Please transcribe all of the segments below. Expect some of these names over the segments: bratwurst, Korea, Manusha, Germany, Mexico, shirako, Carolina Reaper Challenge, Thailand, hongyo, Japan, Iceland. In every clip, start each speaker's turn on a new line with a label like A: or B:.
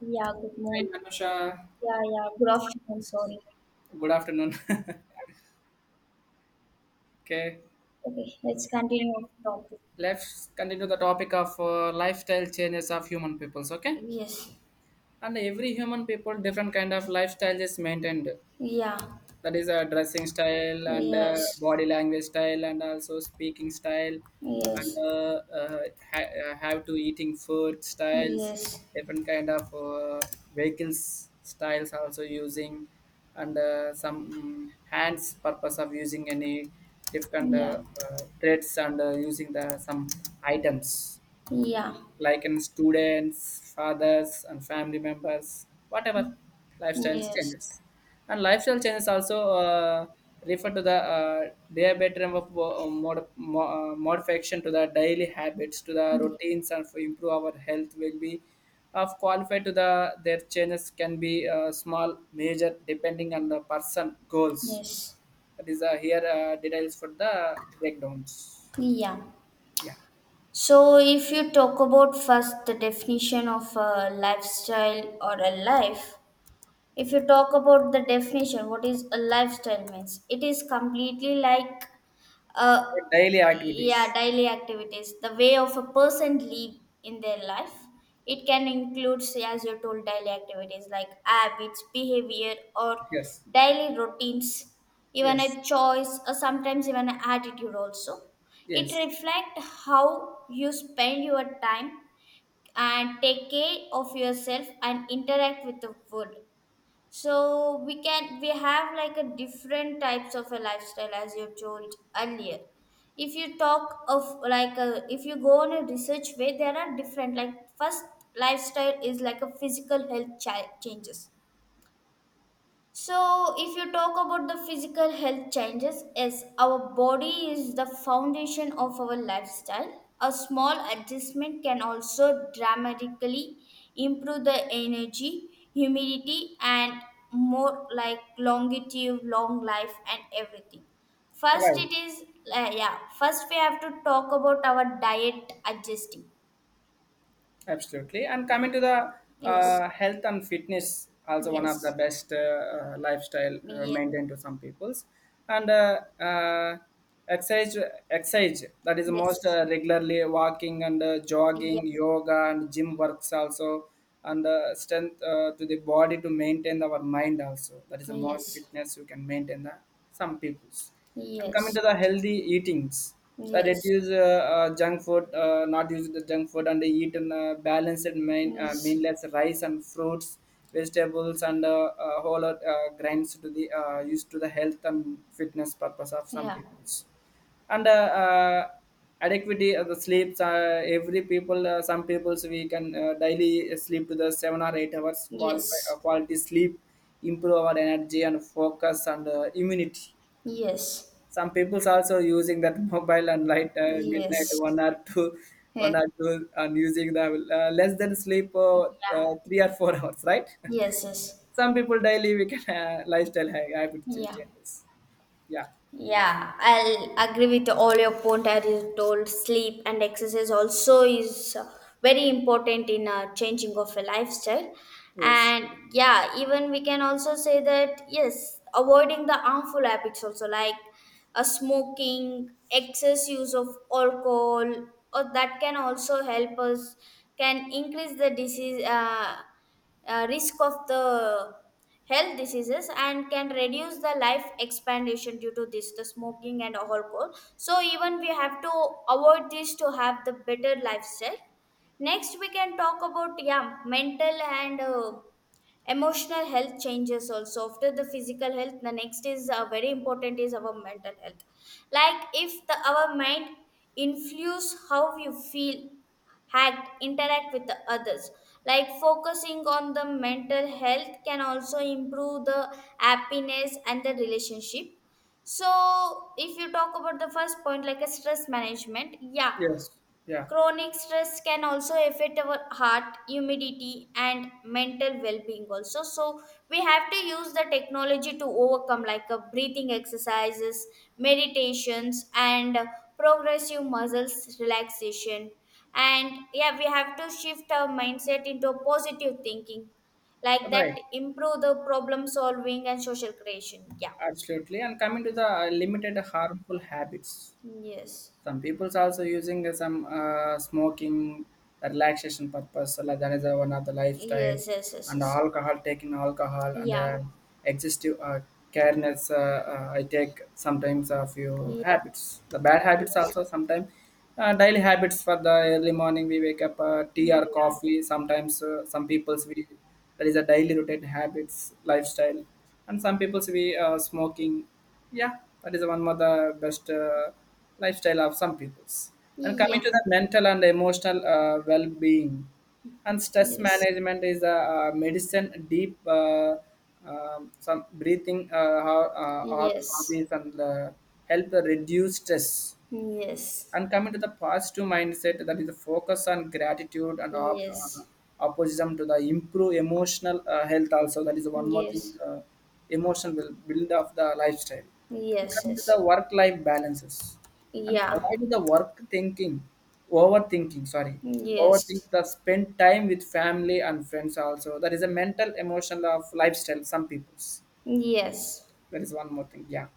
A: Yeah, good
B: Hi,
A: morning.
B: Manusha.
A: Yeah, yeah, good afternoon. Sorry.
B: Good afternoon. okay,
A: Okay, let's continue with the topic.
B: let's continue the topic of lifestyle changes of human peoples. Okay,
A: Yes.
B: and every human people different kind of lifestyle is maintained.
A: Yeah.
B: That is a dressing style and
A: Yes.
B: body language style and also speaking style and
A: Yes.
B: how to eating food styles
A: Yes.
B: different kind of vehicles styles also using and some hands purpose of using any different
A: Yeah.
B: threads and using the some items
A: Yeah.
B: like in students, fathers, and family members, whatever lifestyle
A: Yes.
B: changes. And lifestyle changes also refer to the diabetes of modification to the daily habits, to the
A: Yeah.
B: routines, and for improve our health will be of qualified to the their changes can be small, major, depending on the person goals.
A: Yes.
B: That is here details for the breakdowns.
A: Yeah.
B: Yeah,
A: So, if you talk about first the definition of a lifestyle or a life, if you talk about the definition, what is a lifestyle means? It is completely like uh
B: daily
A: yeah,
B: activities.
A: daily activities, the way of a person live in their life. It can include, say, as you told, daily activities like habits, behavior, or
B: Yes,
A: daily routines, even
B: yes.
A: a choice or sometimes even an attitude also. It
B: Yes,
A: reflect how you spend your time and take care of yourself and interact with the world. So we have like a different types of a lifestyle, as you told earlier. If you talk of if you go on a research way, there are different, like, first lifestyle is like a physical health changes. So, if you talk about the physical health changes, yes, our body is the foundation of our lifestyle. A small adjustment can also dramatically improve the energy, humidity, and more like longevity, long life, and everything. First,
B: right,
A: it is yeah. First, we have to talk about our diet adjusting.
B: absolutely. And coming to the
A: Yes,
B: health and fitness, also one of the
A: yes,
B: best lifestyle
A: yes,
B: maintained to some peoples. And exercise, exercise that is most
A: yes,
B: regularly walking and
A: yeah,
B: jogging, yoga and gym works also, and strength to the body to maintain our mind also. That is the most
A: yes.
B: fitness you can maintain the some peoples. And coming
A: Yes,
B: to the healthy eatings that
A: yes,
B: reduce junk food not use the junk food and eat in a balanced main
A: yes,
B: meanless rice and fruits vegetables and whole lot, grains to the used to the health and fitness purpose of some
A: yeah,
B: peoples and uh, adequacy of the sleeps every people some peoples we can daily sleep to the 7 or 8 hours qualify,
A: yes,
B: quality sleep improve our energy and focus and immunity
A: yes,
B: some people's also using that mobile and light midnight
A: yes,
B: one or two
A: eh,
B: one or two and using the less than sleep three or four hours right
A: yes, yes,
B: some people daily we can lifestyle habit
A: yeah.
B: changes yeah.
A: Yeah, I'll agree with all your point. As you told, sleep and exercise also is very important in changing of a lifestyle.
B: Yes.
A: And yeah, even we can also say that yes, avoiding the harmful habits also, like smoking, excess use of alcohol, or that can also help us, can increase the disease. Risk of the health diseases and can reduce the life expectancy due to this, the smoking and alcohol, so even we have to avoid this to have the better lifestyle. Next we can talk about, yeah, mental and emotional health changes also. After the physical health, the next is very important, is our mental health. Like, if the our mind influence how you feel, had interact with the others, like focusing on the mental health can also improve the happiness and the relationship. So if you talk about the first point, like a stress management, yeah.
B: Yes, yeah,
A: Chronic stress can also affect our heart, humidity, and mental well-being also. So we have to use the technology to overcome, like a breathing exercises, meditations, and progressive muscles relaxation. And yeah, we have to shift our mindset into a positive thinking, like
B: right,
A: that improve the problem solving and social creation. Yeah.
B: absolutely. And coming to the limited harmful habits
A: Yes.
B: some people's also using some smoking relaxation purpose so like that is one of the lifestyle
A: Yes. Yes. Yes.
B: and
A: Yes.
B: alcohol taking alcohol and
A: Yeah.
B: excessive careness I take sometimes a few
A: Yes.
B: habits the bad habits also sometimes daily habits for the early morning we wake up tea or
A: Yeah.
B: coffee sometimes some people's we there is a daily routine habits lifestyle and some people's we smoking yeah that is one of the best lifestyle of some peoples. And coming
A: Yeah,
B: to the mental and emotional well-being, and stress
A: yes,
B: management is a, medicine. Deep some breathing or
A: yes,
B: hobbies and help reduce stress
A: yes,
B: and coming to the positive mindset that is the focus on gratitude and
A: yes,
B: opposition to the improve emotional health also that is one more thing
A: yes,
B: emotion will build up the lifestyle and
A: yes,
B: coming to
A: yes,
B: the work life balances and
A: yeah,
B: avoid the work thinking overthinking sorry overthink
A: yes,
B: the spend time with family and friends also that is a mental emotional of lifestyle some people's
A: yes,
B: that is one more thing yeah.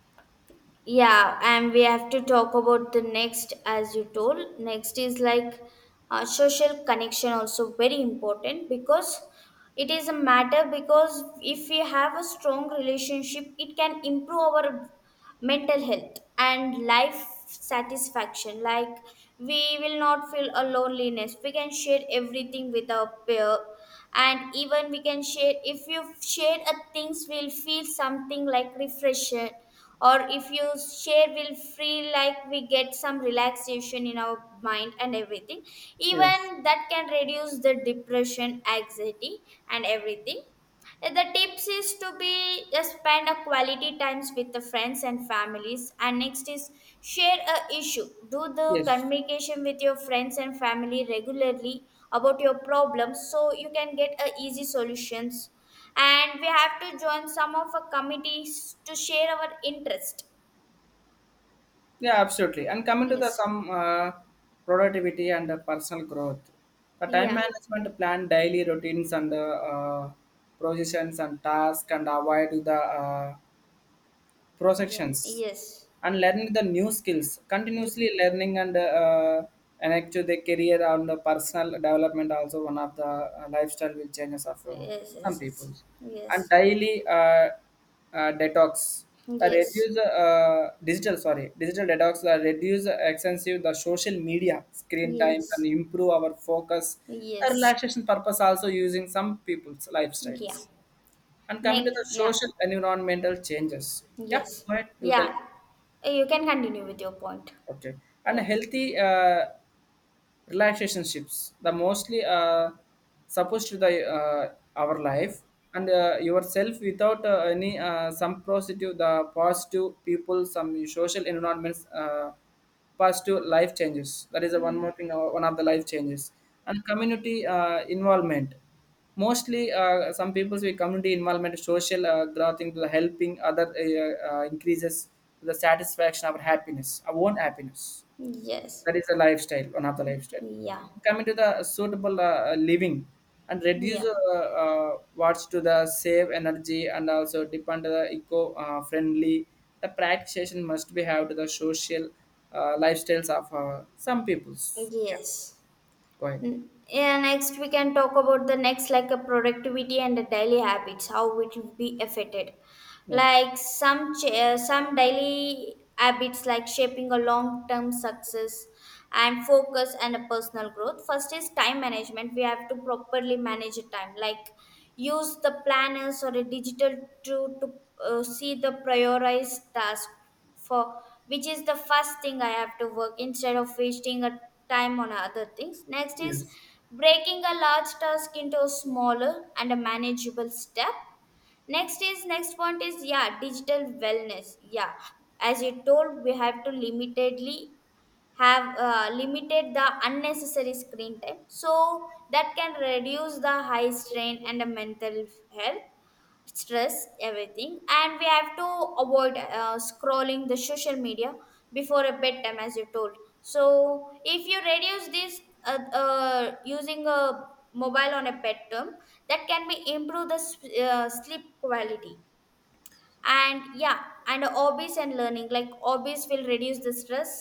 A: yeah, and we have to talk about the next, as you told. Next is like social connection, also very important, because it is a matter, because if we have a strong relationship, it can improve our mental health and life satisfaction. Like, we will not feel a loneliness, we can share everything with our peer, and even we can share, if you share a things, will feel something like refreshing. Or if you share, will feel like we get some relaxation in our mind and everything.
B: Yes,
A: Even that can reduce the depression, anxiety and everything. The tips is to be spend a quality times with the friends and families. And next is share a issue. Do the
B: yes.
A: communication with your friends and family regularly about your problems, so you can get a easy solutions. And we have to join some of our committees to share our interest.
B: Yeah, absolutely. And coming to the
A: Yes.
B: some productivity and personal growth, the time
A: Yeah.
B: management plan daily routines and positions and tasks and avoid the
A: Yeah.
B: processions
A: Yes.
B: and learning the new skills continuously
A: Yes.
B: learning and and actually the career and the personal development also one of the lifestyle will changes of
A: Yes.
B: some people
A: Yes.
B: and
A: Yes.
B: daily detox,
A: Yes.
B: reduce digital sorry digital detox reduce extensive the social media screen times and
A: Yes.
B: improve our focus
A: Yes.
B: the
A: Yes.
B: relaxation purpose also using some people's lifestyles
A: Yeah.
B: and coming to the
A: Yeah.
B: social environmental changes. Yeah,
A: Yes.
B: go ahead, you tell
A: Yeah.
B: me.
A: You can continue with your point.
B: Okay. And
A: Yeah.
B: healthy relaxation ships the mostly supposed to the our life and yourself without any some positive the positive people some social environments positive life changes that is the one more
A: Mm.
B: thing one of the life changes and community involvement mostly some people with community involvement social growing to the helping other increases the satisfaction of happiness our own happiness.
A: Yes.
B: That is a lifestyle, one of the lifestyle.
A: Yeah.
B: Coming to the suitable living and reduce
A: Yeah.
B: what's to the save energy and also depend on the eco friendly. The practice must be have to the social lifestyles of some peoples. Yeah,
A: Yes.
B: go ahead.
A: Yeah, next we can talk about the next, like a productivity and the daily habits, how it will be affected.
B: Okay.
A: Like some some daily habits like shaping a long term success and focus and a personal growth. First is time management. We have to properly manage the time. Like, use the planners or a digital tool to see the prioritized task for which is the first thing I have to work, instead of wasting a time on other things. Next is
B: Yes,
A: breaking a large task into a smaller and a manageable step. Next is, next point is, yeah, digital wellness. Yeah, as you told, we have to limitedly have limited the unnecessary screen time, so that can reduce the high strain and the mental health stress, everything. And we have to avoid scrolling the social media before a bedtime, as you told. So if you reduce this using a mobile on a bedtime, that can be improve the sleep quality. And yeah, and hobbies and learning, like hobbies will reduce the stress,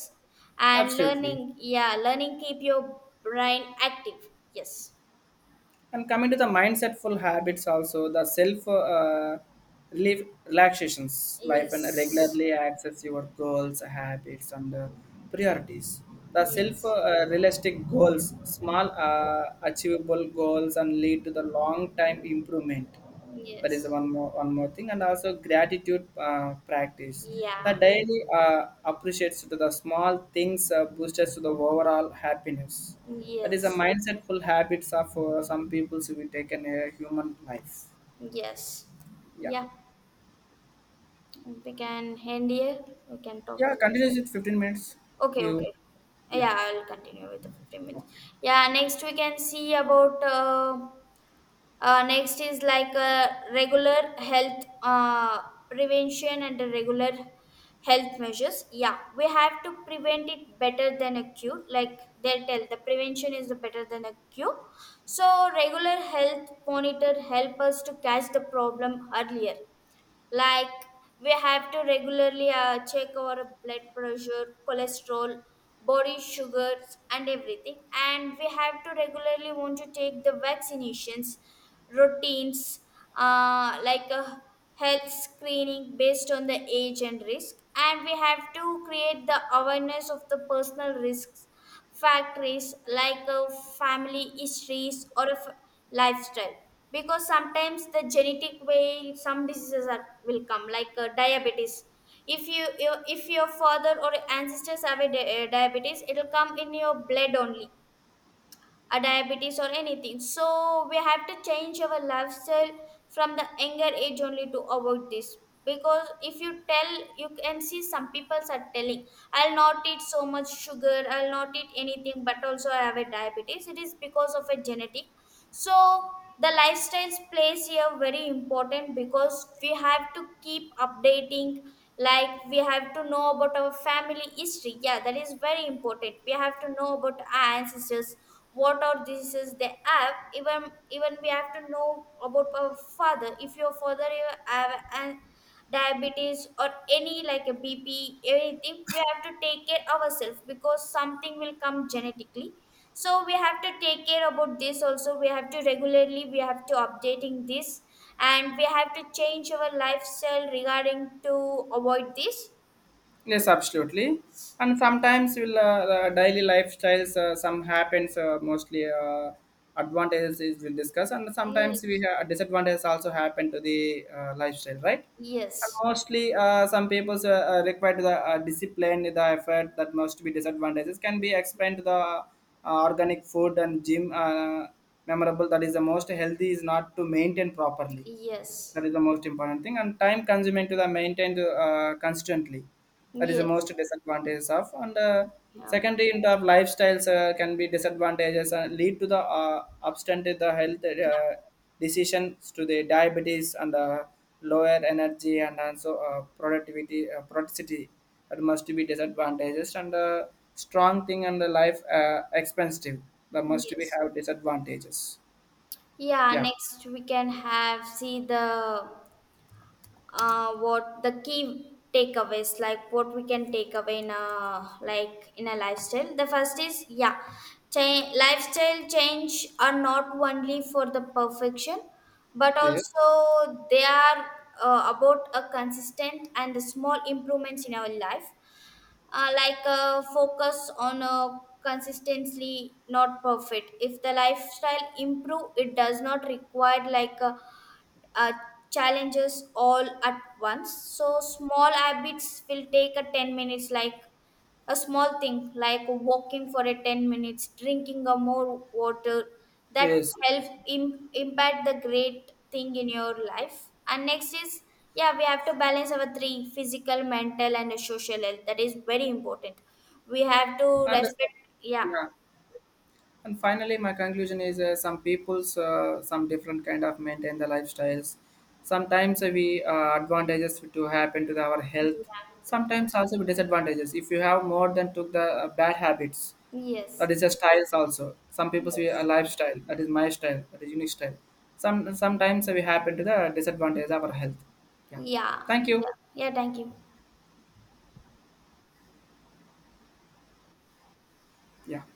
A: and
B: absolutely.
A: learning, yeah, learning keep your brain active. Yes.
B: And coming to the mindsetful habits also the self relief relaxations life and
A: Yes.
B: regularly access your goals habits and priorities the self
A: Yes.
B: realistic goals small achievable goals and lead to the long time improvement that is
A: Yes.
B: one more thing and also gratitude practice the
A: Yeah.
B: daily appreciates to the small things boosters to the overall happiness that is a
A: Yes,
B: mindsetful habits of some people who will take in a human life
A: yes,
B: yeah
A: yeah. We can end here. We can talk
B: yeah
A: a,
B: continues with 15 minutes
A: okay,
B: you
A: okay.
B: yeah
A: Yeah, I'll continue with the 15 minutes.
B: okay.
A: Yeah, next we can see about. Next is like a regular health prevention and the regular health measures. Yeah, we have to prevent it better than a cure. Like they tell, the prevention is the better than a cure. So regular health monitor help us to catch the problem earlier. Like, we have to regularly check our blood pressure, cholesterol, body sugars and everything. And we have to regularly want to take the vaccinations, routines, like a health screening, based on the age and risk. And we have to create the awareness of the personal risks, factories like a family histories or a lifestyle. Because sometimes the genetic way some diseases are, will come, like diabetes. If you, you, if your father or ancestors have a diabetes, it will come in your blood only, a diabetes or anything. So we have to change our lifestyle from the younger age only to avoid this. Because if you tell, you can see some people are telling, I'll not eat so much sugar, I'll not eat anything, but also I have a diabetes. It is because of a genetic. So the lifestyles plays here very important, because we have to keep updating. Like, we have to know about our family history. Yeah, that is very important. We have to know about our ancestors, what our diseases they have. Even we have to know about our father. If your father you have an diabetes or any, like a bp anything, we have to take care ourselves, because something will come genetically. So we have to take care about this also. We have to regularly, we have to updating this and we have to change our lifestyle regarding to avoid this.
B: Yes, absolutely. And sometimes will the daily lifestyles some happens mostly advantages is we'll discuss and sometimes we
A: Yes.
B: have disadvantages also happen to the lifestyle right and
A: Yes.
B: mostly some people require the discipline the effort that must be disadvantages can be explained to the organic food and gym memorable that is the most healthy is not to maintain properly
A: Yes. Yes.
B: that is the most important thing and time consuming to the maintained constantly that is the most
A: Yes.
B: disadvantages of and
A: Yeah.
B: secondary in terms of lifestyles can be disadvantages and lead to the obstinate the health
A: Yeah,
B: decisions to the diabetes and lower energy and also productivity that must be disadvantages and strong thing and the life expensive that must be
A: yes.
B: have disadvantages
A: Yeah,
B: yeah.
A: next we can have see the what the key takeaways, like what we can take away in a, like, in a lifestyle. The first is, yeah, lifestyle change are not only for the perfection, but
B: Yes,
A: also they are about a consistent and the small improvements in our life. Uh, like focus on consistently, not perfect. If the lifestyle improve, it does not require like uh, challenges all at once. So small habits will take a 10 minutes, like a small thing like walking for a 10 minutes, drinking a more water, that
B: yes.
A: help impact the great thing in your life. And next is, yeah, we have to balance our three, physical, mental, and social health. That is very important. We have to
B: Understand.
A: respect. Yeah.
B: Yeah. And finally, my conclusion is some people's some different kind of maintain the lifestyles. Sometimes we advantages to happen to our health.
A: Yeah.
B: Sometimes also with disadvantages. If you have more than took the bad habits,
A: Yes.
B: that is a styles also. Some people say a
A: Yes.
B: lifestyle. That is my style. That is unique style. Sometimes we happen to the disadvantage of our health. Yeah.
A: Yeah.
B: Thank you.
A: Yeah. Yeah. Thank you.
B: Yeah.